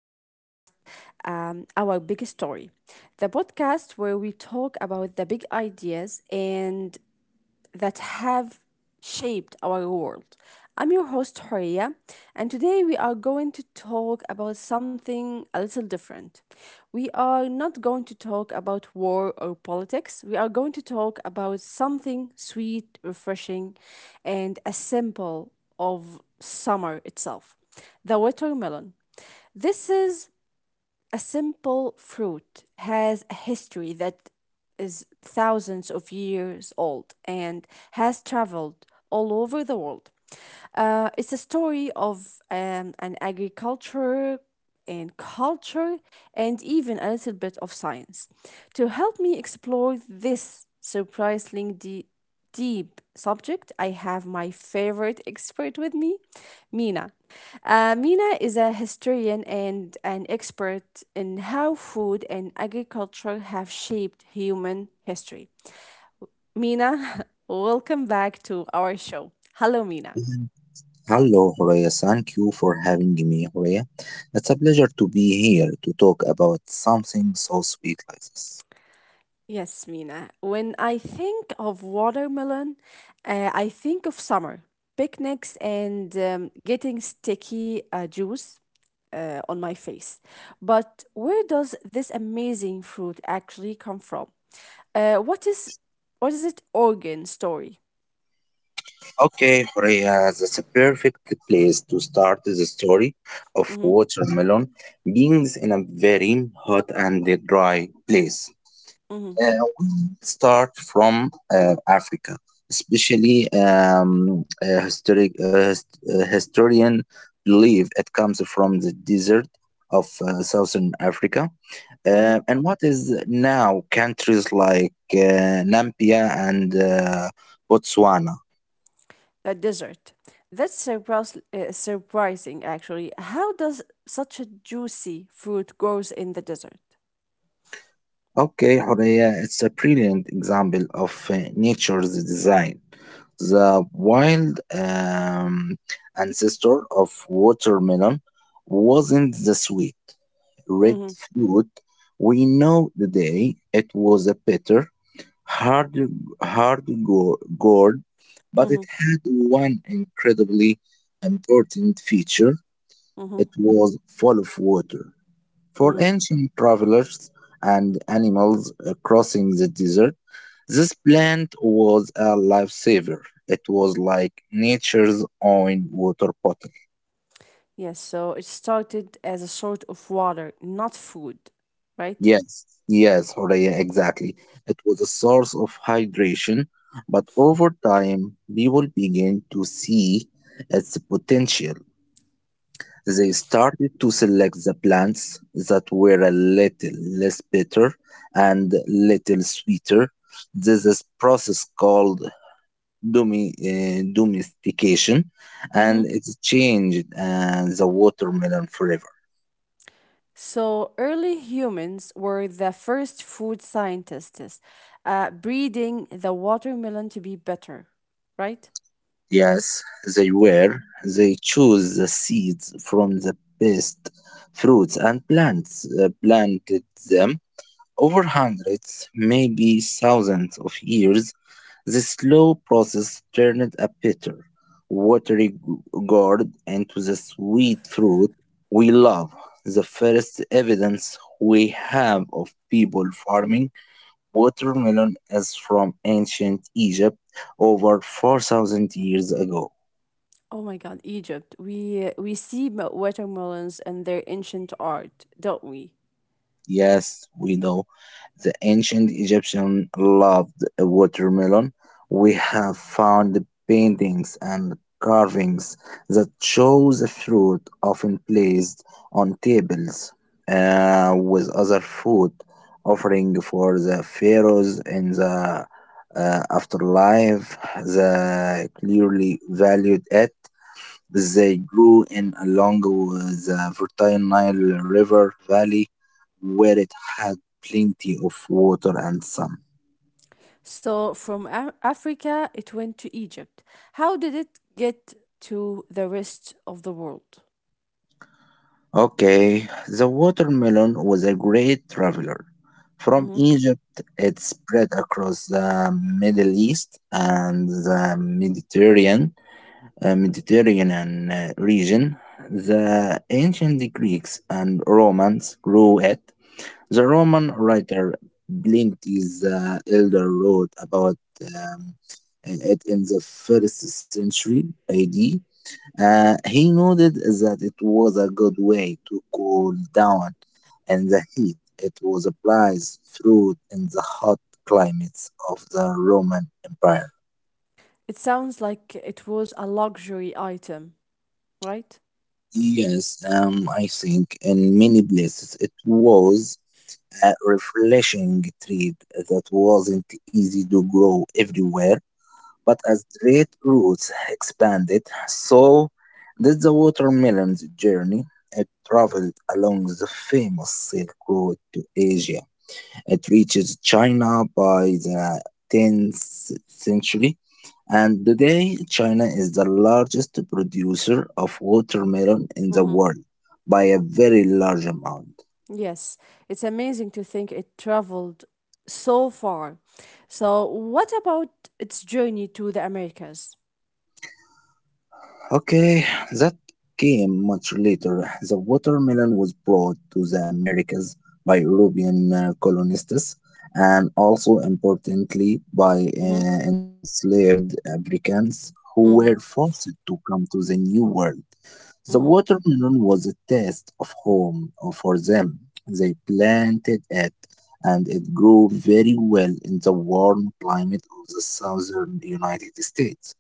podcast, Our Big Story, the podcast where we talk about the big ideas and that have shaped our world. I'm your host, Horia, and today we are going to talk about something a little different. We are not going to talk about war or politics. We are going to talk about something sweet, refreshing, and a symbol of summer itself the watermelon. This is a simple fruit has a history that is thousands of years old and has traveled all over the world. It's a story of an agriculture and culture and even a little bit of science. To help me explore this surprisingly deep subject, I have my favorite expert with me, Mina. Mina is a historian and an expert in how food and agriculture have shaped human history. Mina, welcome back to our show. Hello, Mina. Hello, Horea. Thank you for having me, Horea. It's a pleasure to be here to talk about something so sweet like this. Yes, Mina. When I think of watermelon, I think of summer, picnics, and getting sticky juice on my face. But where does this amazing fruit actually come from? Uh, what is what is it? Origin story. Okay, Horea, that's a perfect place to start the story of Mm-hmm, watermelon beings in a very hot and dry place. mm-hmm, Uh, we start from Africa, especially historian believe it comes from the desert of southern Africa, mm-hmm. and what is now countries like Namibia and Botswana. A desert. That's surprising, actually. How does such a juicy fruit grows in the desert? Okay, Horea, it's a brilliant example of nature's design. The wild ancestor of watermelon wasn't the sweet red Mm-hmm, fruit we know today. It was a bitter, hard, hard, gourd, but mm-hmm, it had one incredibly important feature. mm-hmm, It was full of water. For mm-hmm. ancient travelers and animals crossing the desert, this plant was a lifesaver. It was like nature's own water bottle. Yes, so it started as a sort of water, not food, right? Yes, yes, Horea, exactly. It was a source of hydration, but over time, people began to see its potential. They started to select the plants that were a little less bitter and little sweeter. This is process called domestication, Mm-hmm. and it changed the watermelon forever. So early humans were the first food scientists, breeding the watermelon to be better, right? Yes, they were. They chose the seeds from the best fruits and plants, planted them. Over hundreds, maybe thousands of years, the slow process turned a bitter, watery gourd into the sweet fruit we love. The first evidence we have of people farming watermelon is from ancient Egypt over 4,000 years ago. Oh my God, Egypt. We see watermelons and their ancient art, don't we? Yes, we know. The ancient Egyptians loved watermelon. We have found paintings and carvings that show the fruit often placed on tables with other food, offering for the pharaohs in the afterlife. They clearly valued it. They grew in along the fertile Nile River Valley, where it had plenty of water and sun. So from Africa, it went to Egypt. How did it get to the rest of the world? Okay, the watermelon was a great traveler. From Mhm. Egypt, it spread across the Middle East and the Mediterranean region. The ancient Greeks and Romans grew it. The Roman writer Pliny's the Elder wrote about um, it in the first century AD. He noted that it was a good way to cool down in the heat. It was a prized fruit in the hot climates of the Roman Empire. It sounds like it was a luxury item, right? Yes, I think in many places it was a refreshing treat that wasn't easy to grow everywhere. But as trade routes expanded, so did the watermelon's journey. It traveled along the famous Silk Road to Asia. It reaches China by the 10th century, and today China is the largest producer of watermelon in the world by a very large amount. Yes, it's amazing to think it traveled so far. So, what about its journey to the Americas? Okay, that came much later. The watermelon was brought to the Americas by European colonists and also importantly by Mm-hmm, enslaved Africans who were mm-hmm, forced to come to the New World. The mm-hmm, watermelon was a test of home for them. They planted it and it grew very well in the warm climate of the southern United States.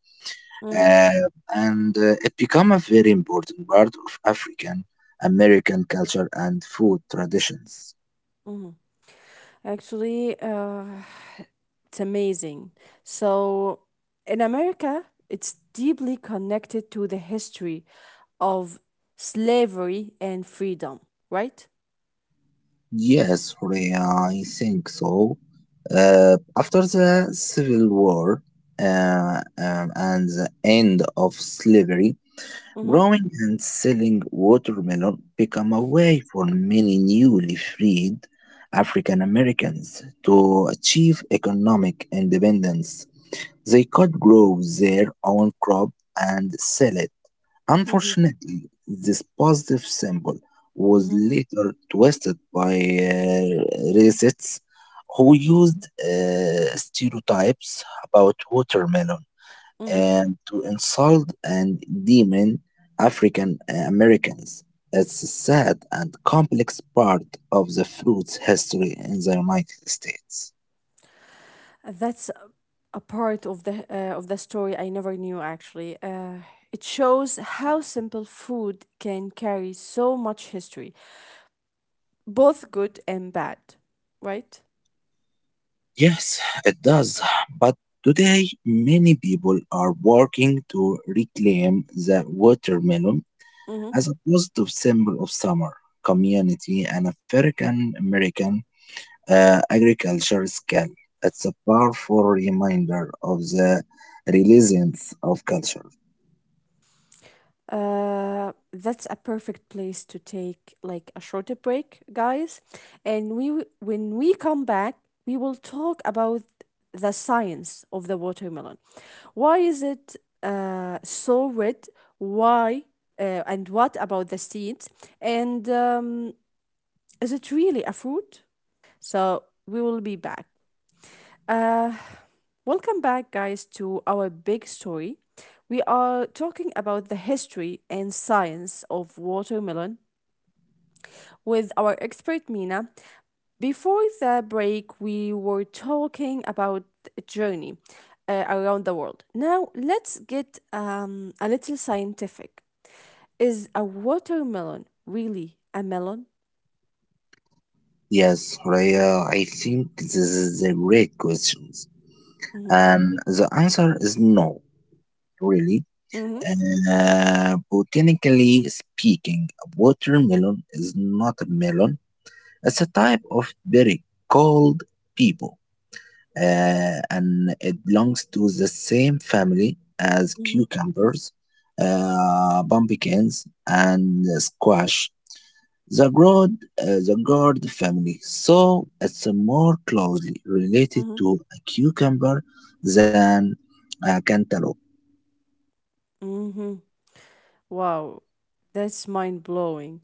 mm-hmm, Uh, and it became a very important part of African American culture and food traditions. mm-hmm. Actually, it's amazing. So, in America, it's deeply connected to the history of slavery and freedom, right? Yes, Horea, I think so. After the Civil War uh, um, and the end of slavery, Mm-hmm, growing and selling watermelon became a way for many newly freed African Americans to achieve economic independence. They could grow their own crop and sell it. mm-hmm, Unfortunately, this positive symbol was mm-hmm, later twisted by racists who used stereotypes about watermelon mm-hmm. and to insult and demon African Americans. It's a sad and complex part of the fruit's history in the United States. That's a part of the story I never knew actually. It shows how simple food can carry so much history, both good and bad, right? Yes, it does. But today, many people are working to reclaim the watermelon Mm-hmm. as a positive symbol of summer, community, and African American agriculture skill. It's a powerful reminder of the resilience of culture. That's a perfect place to take like a shorter break, guys. And when we come back, we will talk about the science of the watermelon. Why is it so red? Why and what about the seeds? And is it really a fruit? So we will be back. Uh, Welcome back, guys, to our big story. We are talking about the history and science of watermelon with our expert Mina. Before the break, we were talking about a journey around the world. Now, let's get a little scientific. Is a watermelon really a melon? Yes, Raya, I think this is a great question. Mm-hmm. And the answer is no, really. Mm-hmm. Botanically speaking, a watermelon is not a melon. It's a type of berry called pepo, and it belongs to the same family as Mm-hmm. cucumbers, pumpkins, and squash. The gourd, the gourd family, so it's more closely related Mm-hmm. to a cucumber than a cantaloupe. Mm-hmm. Wow, that's mind blowing.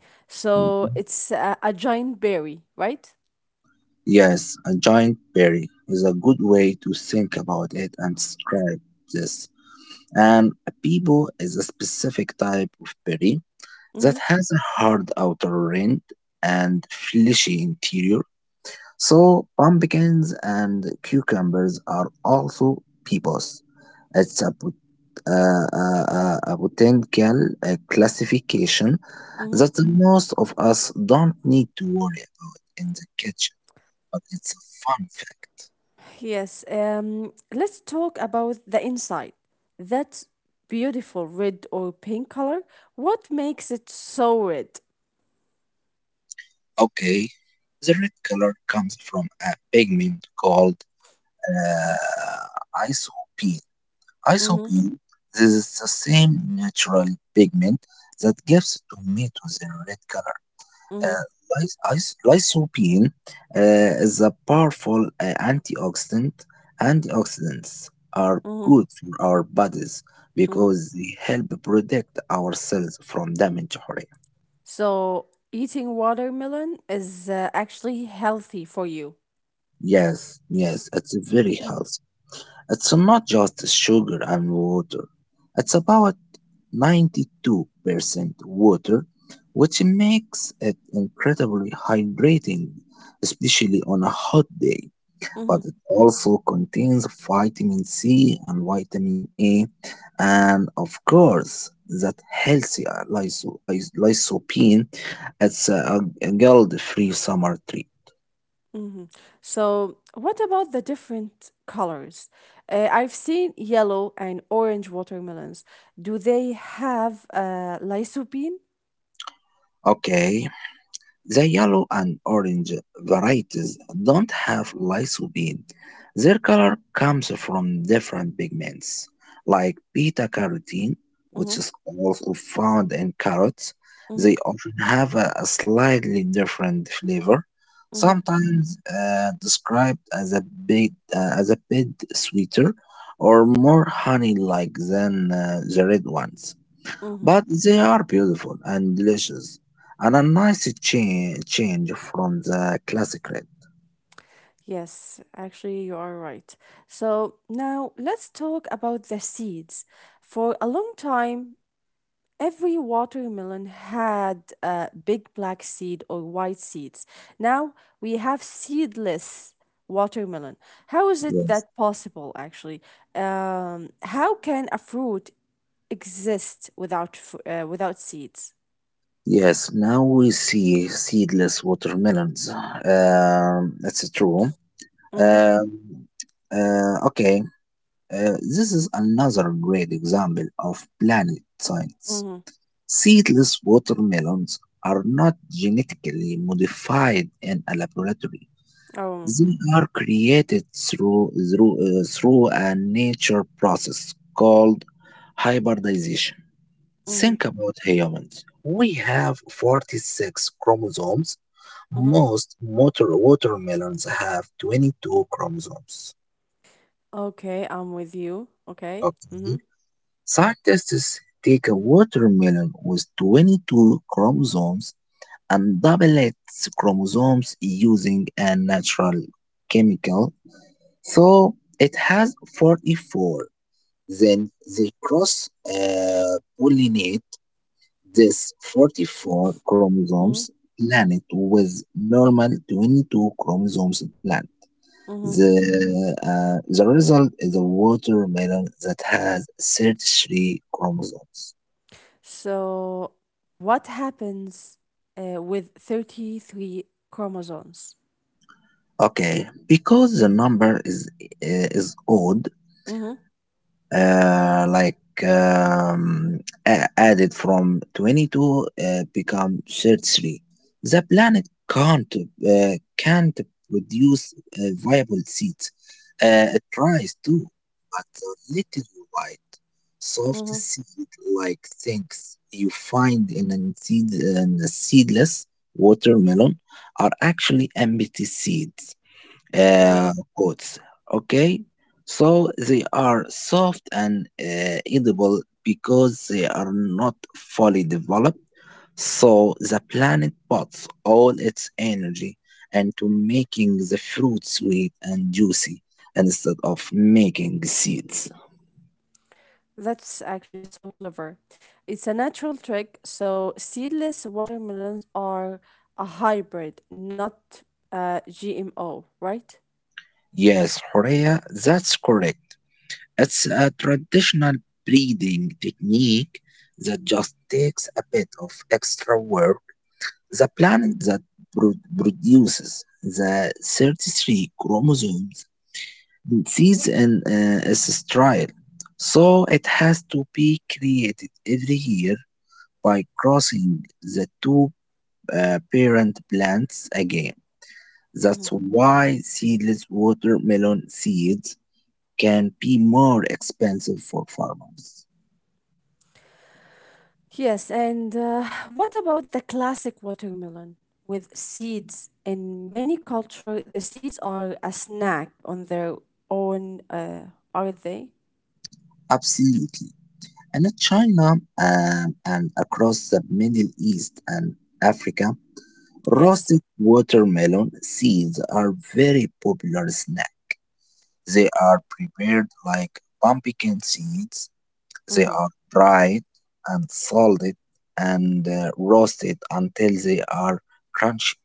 Mm-hmm. So it's a giant berry, right? Yes, a giant berry is a good way to think about it and describe this. And a peebo is a specific type of berry that Mm-hmm. has a hard outer rind and fleshy interior. So pumpkins and cucumbers are also peebos. It's a botanical classification that Mm-hmm. most of us don't need to worry about in the kitchen, but it's a fun fact. Yes. Let's talk about the inside. That beautiful red or pink color. What makes it so red? Okay, the red color comes from a pigment called isoprene. Mm-hmm. Isoprene, this is the same natural pigment that gives tomatoes their red color. Mm-hmm. Uh, lysoprene is a powerful antioxidant. Antioxidants are Mm-hmm. good for our bodies Mm-hmm. because they help protect our cells from damage. Hurry. So eating watermelon is actually healthy for you. Yes, yes, it's very healthy. It's not just sugar and water. It's about 92% water, which makes it incredibly hydrating, especially on a hot day. But Mm-hmm. it also contains vitamin C and vitamin A, and of course, that healthy lysopene. It's a guilt free summer treat. Mhm. So, what about the different colors? I've seen yellow and orange watermelons. Do they have lysopene? Okay, the yellow and orange varieties don't have lycopene. Their color comes from different pigments, like beta carotene, which Mm-hmm, is also found in carrots. mm-hmm, They often have a slightly different flavor, mm-hmm, sometimes described as a bit sweeter or more honey-like than the red ones, mm-hmm. but they are beautiful and delicious and a nice change from the classic red. Yes, actually, you are right. So, now let's talk about the seeds. For a long time, every watermelon had a big black seed or white seeds. Now we have seedless watermelon. How is it Yes. that possible, actually? How can a fruit exist without without seeds? Yes, now we see seedless watermelons. That's true. Mm-hmm. Um, uh, okay, this is another great example of planet science. Mm-hmm. Seedless watermelons are not genetically modified in a laboratory. Oh. They are created through a nature process called hybridization. Mm-hmm. Think about humans. We have 46 chromosomes. Mm-hmm. Most water watermelons have 22 chromosomes. Okay, I'm with you. Okay. Mm-hmm. Okay. Scientists take a watermelon with 22 chromosomes and double its chromosomes using a natural chemical, so it has 44. Then they cross pollinate this 44 chromosomes Mm-hmm. planet with normal 22 chromosomes plant. Mm-hmm. The result is a watermelon that has 33 chromosomes. So, what happens with 33 chromosomes? Okay, because the number is odd, Mm-hmm. uh, like um, added from 22 become 33. The planet can't produce viable seeds. It tries to, but the little white, soft Mm-hmm. seed like things you find in a, seed, in a seedless watermelon are actually empty seeds Mm, uh, oats. Okay, so they are soft and edible because they are not fully developed. So the planet puts all its energy into making the fruit sweet and juicy instead of making seeds. that's actually so clever. It's a natural trick. So, seedless watermelons are a hybrid, not GMO, right? Yes, Horea, that's correct. It's a traditional breeding technique that just takes a bit of extra work. The planet that produces the 33 chromosomes sees an ancestral, so it has to be created every year by crossing the two parent plants again. That's Hmm. why seedless watermelon seeds can be more expensive for farmers. Yes, and what about the classic watermelon with seeds? In many cultures, the seeds are a snack on their own, are they? Absolutely. And in China, and across the Middle East and Africa, Yes. roasted watermelon seeds are very popular snack. They are prepared like pumpkin seeds. They are dried and salted and roasted until they are crunchy.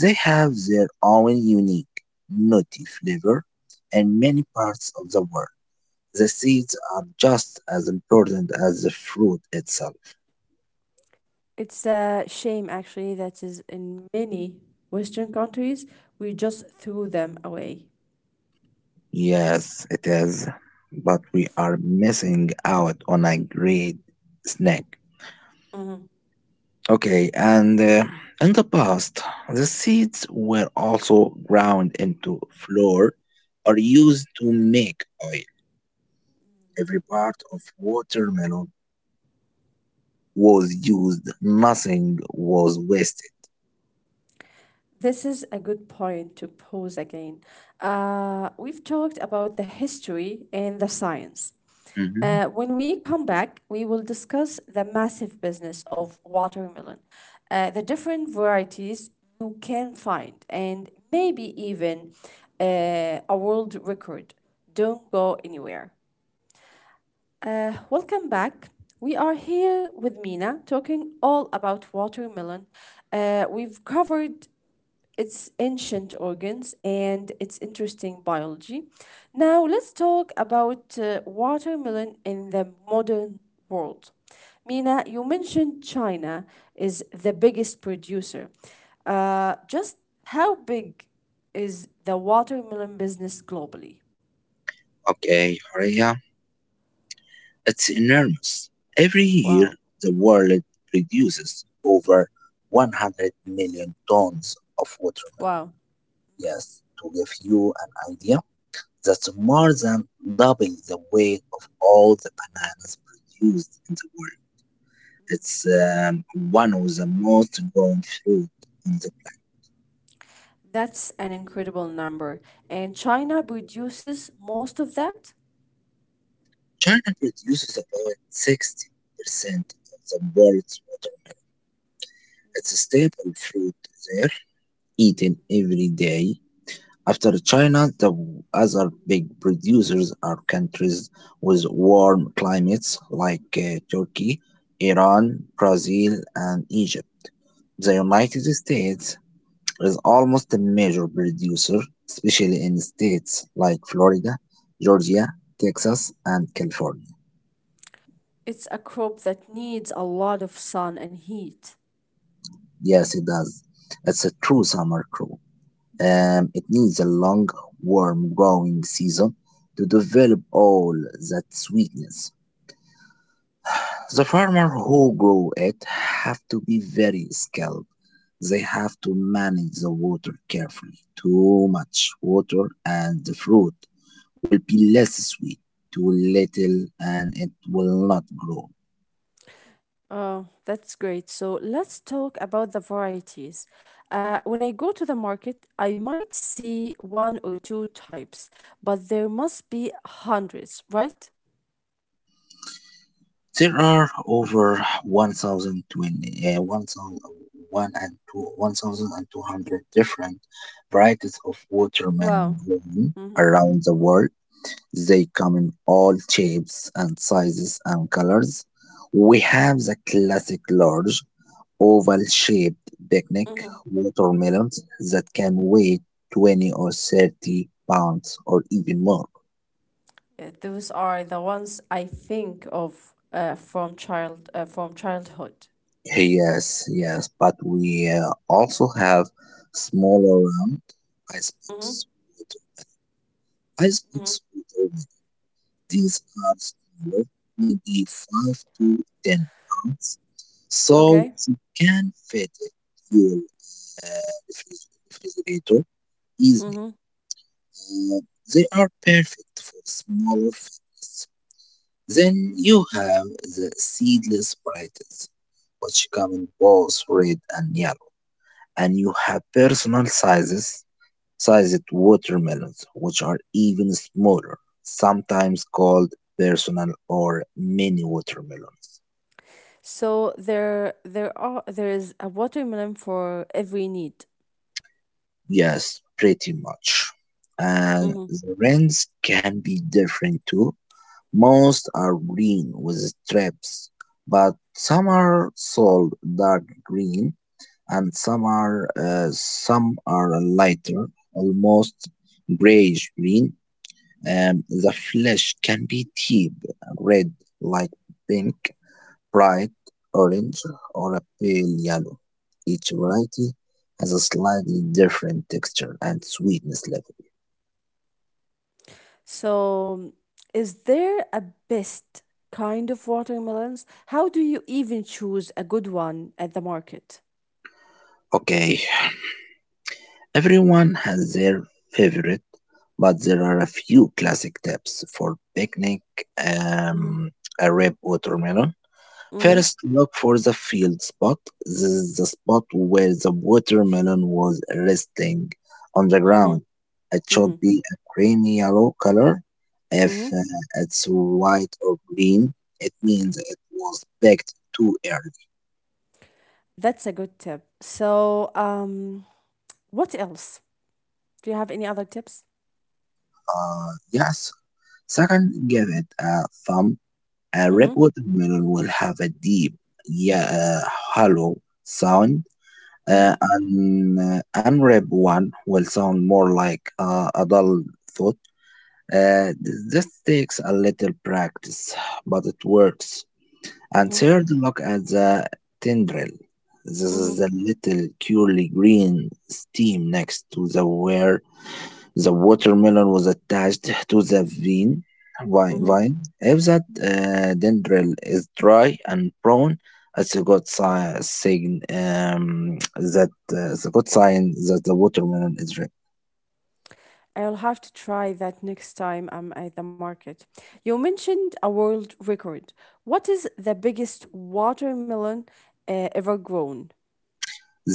They have their own unique nutty flavor in many parts of the world. The seeds are just as important as the fruit itself. It's a shame actually that is in many Western countries, we just threw them away. Yes, it is. But we are missing out on a great snack. Mhm. Okay, and In the past, the seeds were also ground into flour or used to make oil. Every part of watermelon was used, nothing was wasted. This is a good point to pose again. We've talked about the history and the science. Mhm. When we come back, we will discuss the massive business of watermelon, the different varieties you can find, and maybe even a world record. Don't go anywhere. Welcome back. We are here with Mina talking all about watermelon. We've covered its ancient organs and its interesting biology. Now, let's talk about watermelon in the modern world. Mina, you mentioned China is the biggest producer. Just how big is the watermelon business globally? Okay, hurry up. It's enormous. Every year, Wow. the world produces over 100 million tons of watermelon. Wow. Yes, to give you an idea, that's more than double the weight of all the bananas produced in the world. It's one of the most grown fruit on the planet. That's an incredible number. And China produces most of that? China produces about 60% of the world's watermelon. It's a staple fruit there, eaten every day. After China, the other big producers are countries with warm climates like Turkey, Iran, Brazil, and Egypt. The United States is almost a major producer, especially in states like Florida, Georgia, Texas, and California. It's a crop that needs a lot of sun and heat. Yes, it does. It's a true summer crop. It needs a long, warm growing season to develop all that sweetness. The farmer who grow it have to be very skilled. They have to manage the water carefully. Too much water and the fruit will be less sweet. Too little and it will not grow. Oh, that's great. So let's talk about the varieties. When I go to the market, I might see one or two types, but there must be hundreds, right? There are over 1,020, uh, 1,000 and two- 1,200 different varieties of Wow. watermelon grown Mhm. around the world. They come in all shapes and sizes and colors. We have the classic large oval shaped picnic watermelons that can weigh 20 or 30 pounds or even more. Yeah, those are the ones I think of from childhood. Yes, yes, but we also have smaller round Mm-hmm. icebox water. Mm-hmm. Icebox water, like these are smaller, maybe 5 to 10 pounds. So Okay. you can fit it in your refrigerator easily. Mm-hmm. Uh, they are perfect for smaller families. Then you have the seedless varieties, which come in both red and yellow. And you have personal sizes, sized watermelons, which are even smaller, sometimes called personal or mini watermelons. So there is a watermelon for every need. Yes, pretty much. And Mm-hmm. the rents can be different too. Most are green with strips, but some are sold dark green, and some are lighter, almost grayish green. The flesh can be deep red, like pink, bright orange or a pale yellow. Each variety has a slightly different texture and sweetness level. So is there a best kind of watermelons? How do you even choose a good one at the market? Okay, everyone has their favorite, but there are a few classic tips for picnic Mm-hmm. um, a ripe watermelon. Mm-hmm. First, look for the field spot. This is the spot where the watermelon was resting on the Mm-hmm. ground. It should Mm-hmm. be a creamy yellow color. If Mm-hmm. It's white or green, it means it was picked too early. That's a good tip. So, what else? Do you have any other tips? Yes. Second, give it a thumb. A red Mm-hmm. watermelon will have a deep, yeah, hollow sound. Mm-hmm. An unwrapped one will sound more like a dull thought. This takes a little practice, but it works. And Mm-hmm. third, look at the tendril. This Mm-hmm. is the little curly green steam next to the word the watermelon was attached to the Mm-hmm. vine. If that dendril is dry and prone, it's a good sign that the watermelon is red. I'll have to try that next time I'm at the market. You mentioned a world record. What is the biggest watermelon ever grown?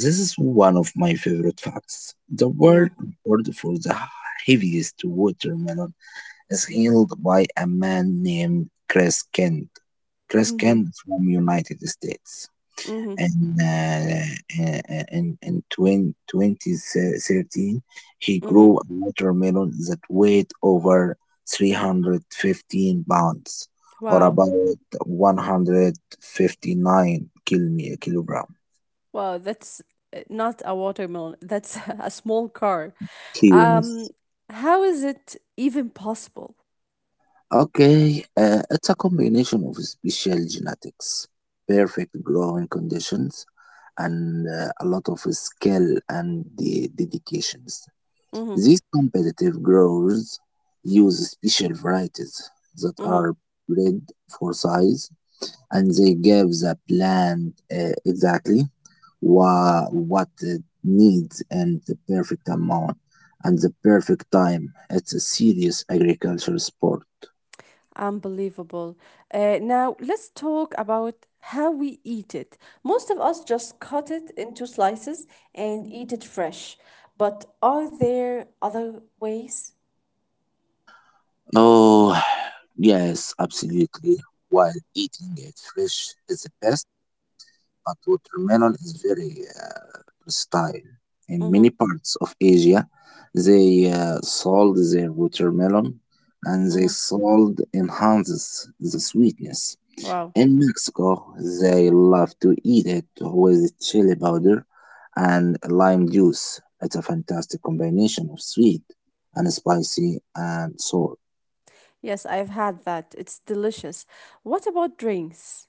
This is one of my favorite facts. The Mm-hmm. world record for the heaviest watermelon is held by a man named Chris Kent. Chris Mm-hmm. Kent from United States. Mm-hmm. and uh, uh, in 2013 he Mm-hmm. grew a watermelon that weighed over 315 pounds, or Wow. about 159 Wow, that's not a watermelon. That's a small car. Um, kilograms. how is it even possible? Okay it's a combination of special genetics, perfect growing conditions, and a lot of skill and the dedications. Mm-hmm. These competitive growers use special varieties that Mm-hmm. are bred for size, and they give the plant exactly what it needs and the perfect amount and the perfect time. It's a serious agricultural sport. Unbelievable. Now, let's talk about how we eat it. Most of us just cut it into slices and eat it fresh. But are there other ways? Oh, yes, absolutely. While eating it fresh is the best, but watermelon is very versatile. In many Mm-hmm. parts of Asia, they sold their watermelon and they Mm-hmm. sold enhances the sweetness. Wow. In Mexico, they love to eat it with chili powder and lime juice. It's a fantastic combination of sweet and spicy and sour. Yes, I've had that. It's delicious. What about drinks?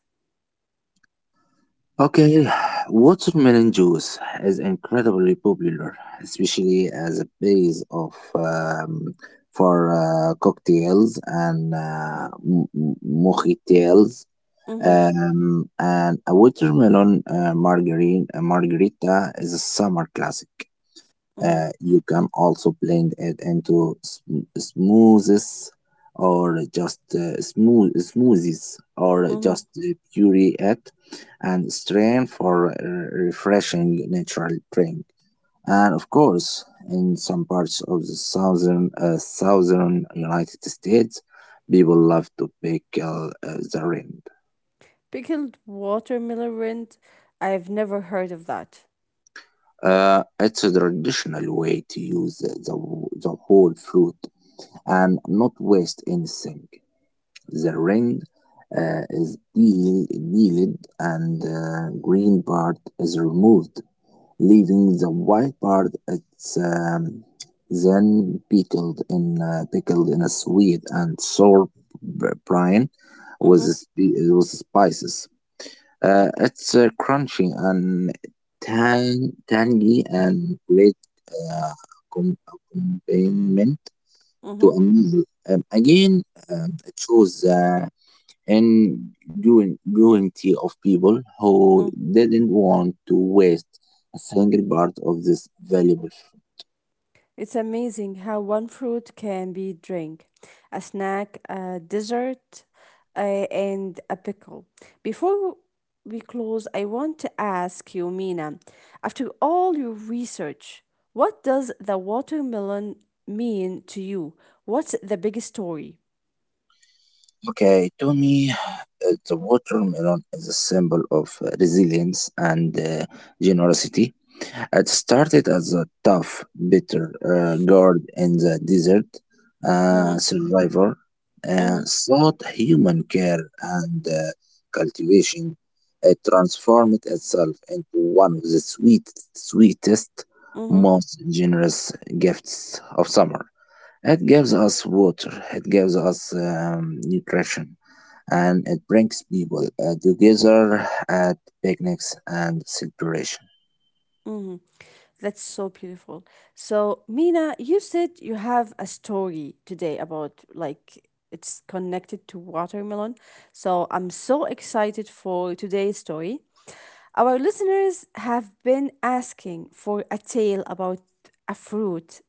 Okay, watermelon juice is incredibly popular, especially as a base of for cocktails and mocktails. Mm-hmm. And a watermelon margarine, a margarita is a summer classic. Mm-hmm. You can also blend it into smoothies, or Mm-hmm. just puree it and strain for a refreshing natural drink. And of course, in some parts of the southern United States, people love to pickle the rind. Pickled watermelon rind. I've never heard of that. It's a traditional way to use the whole fruit and not waste anything. The ring is peeled and the green part is removed, leaving the white part. It's then pickled in a sweet and sour brine Mm-hmm. With spices. It's crunchy and tang- tangy and great uh, accompaniment to Mm-hmm. a meal. Again, I chose the and guarantee of people who Mm-hmm. didn't want to waste a single part of this valuable fruit. It's amazing how one fruit can be drink, a snack, a dessert, and a pickle. Before we close, I want to ask you, Mina, after all your research, what does the watermelon mean to you? What's the big story? Okay, to me, the watermelon is a symbol of resilience and generosity. It started as a tough, bitter guard in the desert, a Mm-hmm, survivor, mm-hmm, sought human care and cultivation. It transformed itself into one of the sweet, sweetest, mm-hmm, most generous gifts of summer. It gives us water, it gives us nutrition, and it brings people together at picnics and celebration. mm-hmm. That's so beautiful. So, Mina, you said you have a story today about like it's connected to watermelon. So, I'm so excited for today's story. Our listeners have been asking for a tale about a fruit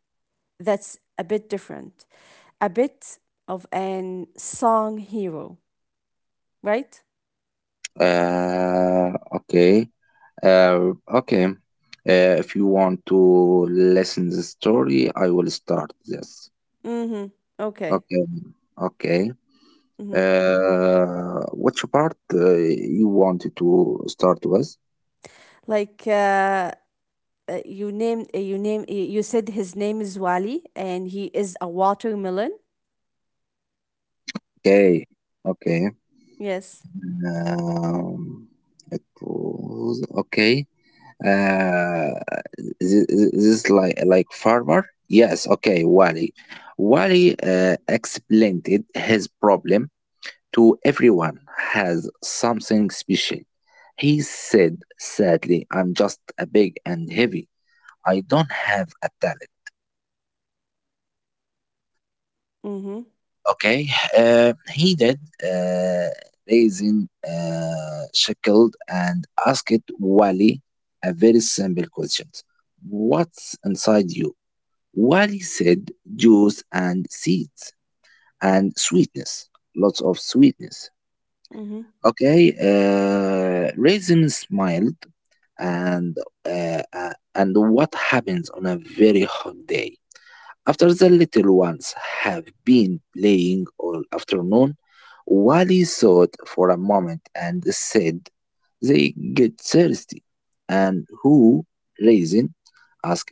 that's a bit different, a bit of an song hero, right? Okay. Uh, okay. If you want to listen the story, I will start this. Mm hmm. Okay. Okay. Okay. Mm-hmm. Which part you want to start with? Like, you name you said his name is Wali and he is a watermelon. Okay. Okay. Yes. Um, it was okay. Uh, this, this like farmer. Yes. Okay. Wally. Wally explained it, his problem to everyone has something special. He said sadly, I'm just a big and heavy. I don't have a talent. Mhm. Okay. He did raising shackled and asked Wally a very simple question. What's inside you? Wally said juice and seeds and sweetness. Lots of sweetness. Mhm. Okay. Raisin smiled and and what happens on a very hot day after the little ones have been playing all afternoon? Wally thought for a moment and said they get thirsty. And who, raising, asked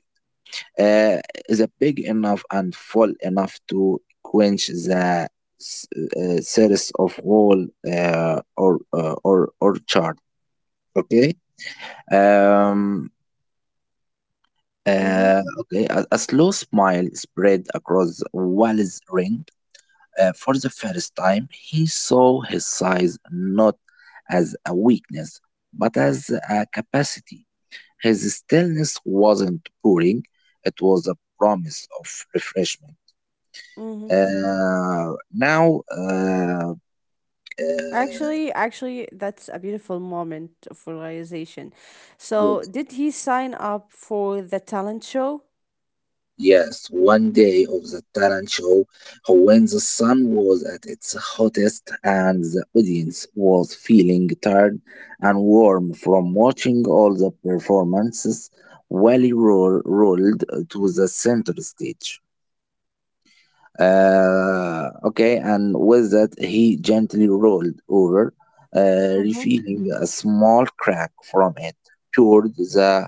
uh, is it big enough and full enough to quench the s- thirst of all or chart okay um. Mhm. A slow smile spread across Wally's ring. For the first time, he saw his size not as a weakness, but as a capacity. His stillness wasn't boring, it was a promise of refreshment. Mhm. Uh, now, uh, uh, Actually, that's a beautiful moment of realization. So, did he sign up for the talent show? Yes, one day of the talent show, when the sun was at its hottest and the audience was feeling tired and warm from watching all the performances, Wally rolled to the center stage. Okay, and with that, he gently rolled over, Mhm. revealing a small crack from it toward the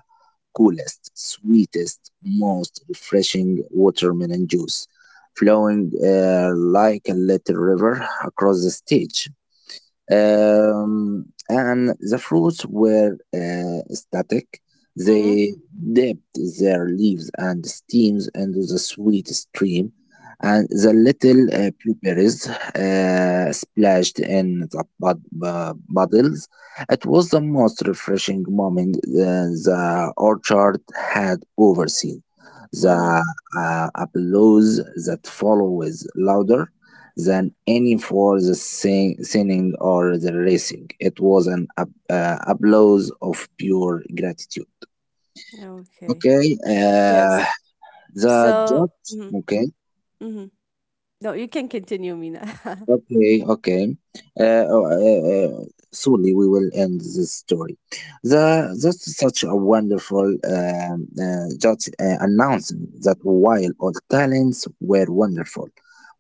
coolest, sweetest, most refreshing watermelon juice flowing like a little river across the stage, and the fruits were static. Mhm. They dipped their leaves and stems into the sweet stream, and the little blueberries splashed in the puddles. It was the most refreshing moment the orchard had overseen. Mhm. The applause that followed was louder than any for the singing or the racing. It was an applause of pure gratitude. Okay. Okay, uh, Yes. the So. judge. Mhm. Okay. Mhm. No, you can continue, Mina. Okay, okay. Uh, oh, uh, uh, Surely we will end this story. That's such a wonderful judge announcing that while all talents were wonderful,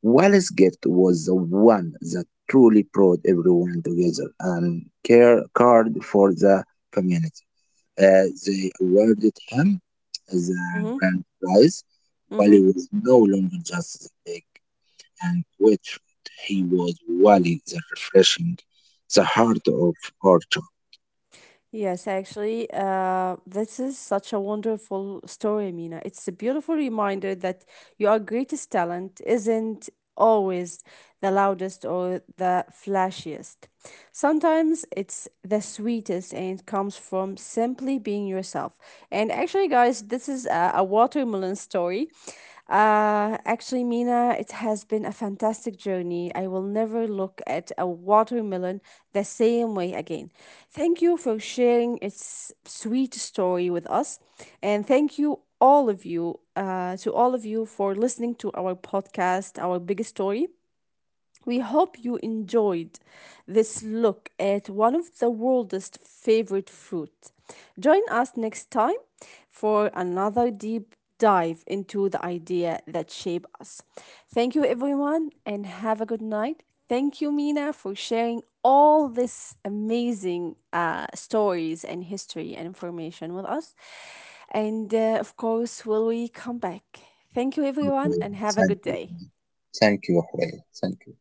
Wally's gift was the one that truly brought everyone together and care card for the community. They awarded him the Mhm. grand prize. Wally Mhm. was no longer just the big and poetry. He was really the refreshing, the heart of our job. Yes, actually, this is such a wonderful story, Mina. It's a beautiful reminder that your greatest talent isn't always the loudest or the flashiest. Sometimes it's the sweetest and comes from simply being yourself. And actually, guys, this is a what watermelon story. Actually, Mina, it has been a fantastic journey. I will never look at a watermelon the same way again. Thank you for sharing its sweet story with us. And thank you, all of you, to all of you for listening to our podcast, Our Big Story. We hope you enjoyed this look at one of the world's favorite fruit. Join us next time for another deep dive into the idea that shape us. Thank you everyone and have a good night. Thank you Mina for sharing all this amazing stories and history and information with us. And of course, will we come back? Thank you everyone and have a Thank good you. day. Thank you, Horea. Thank you.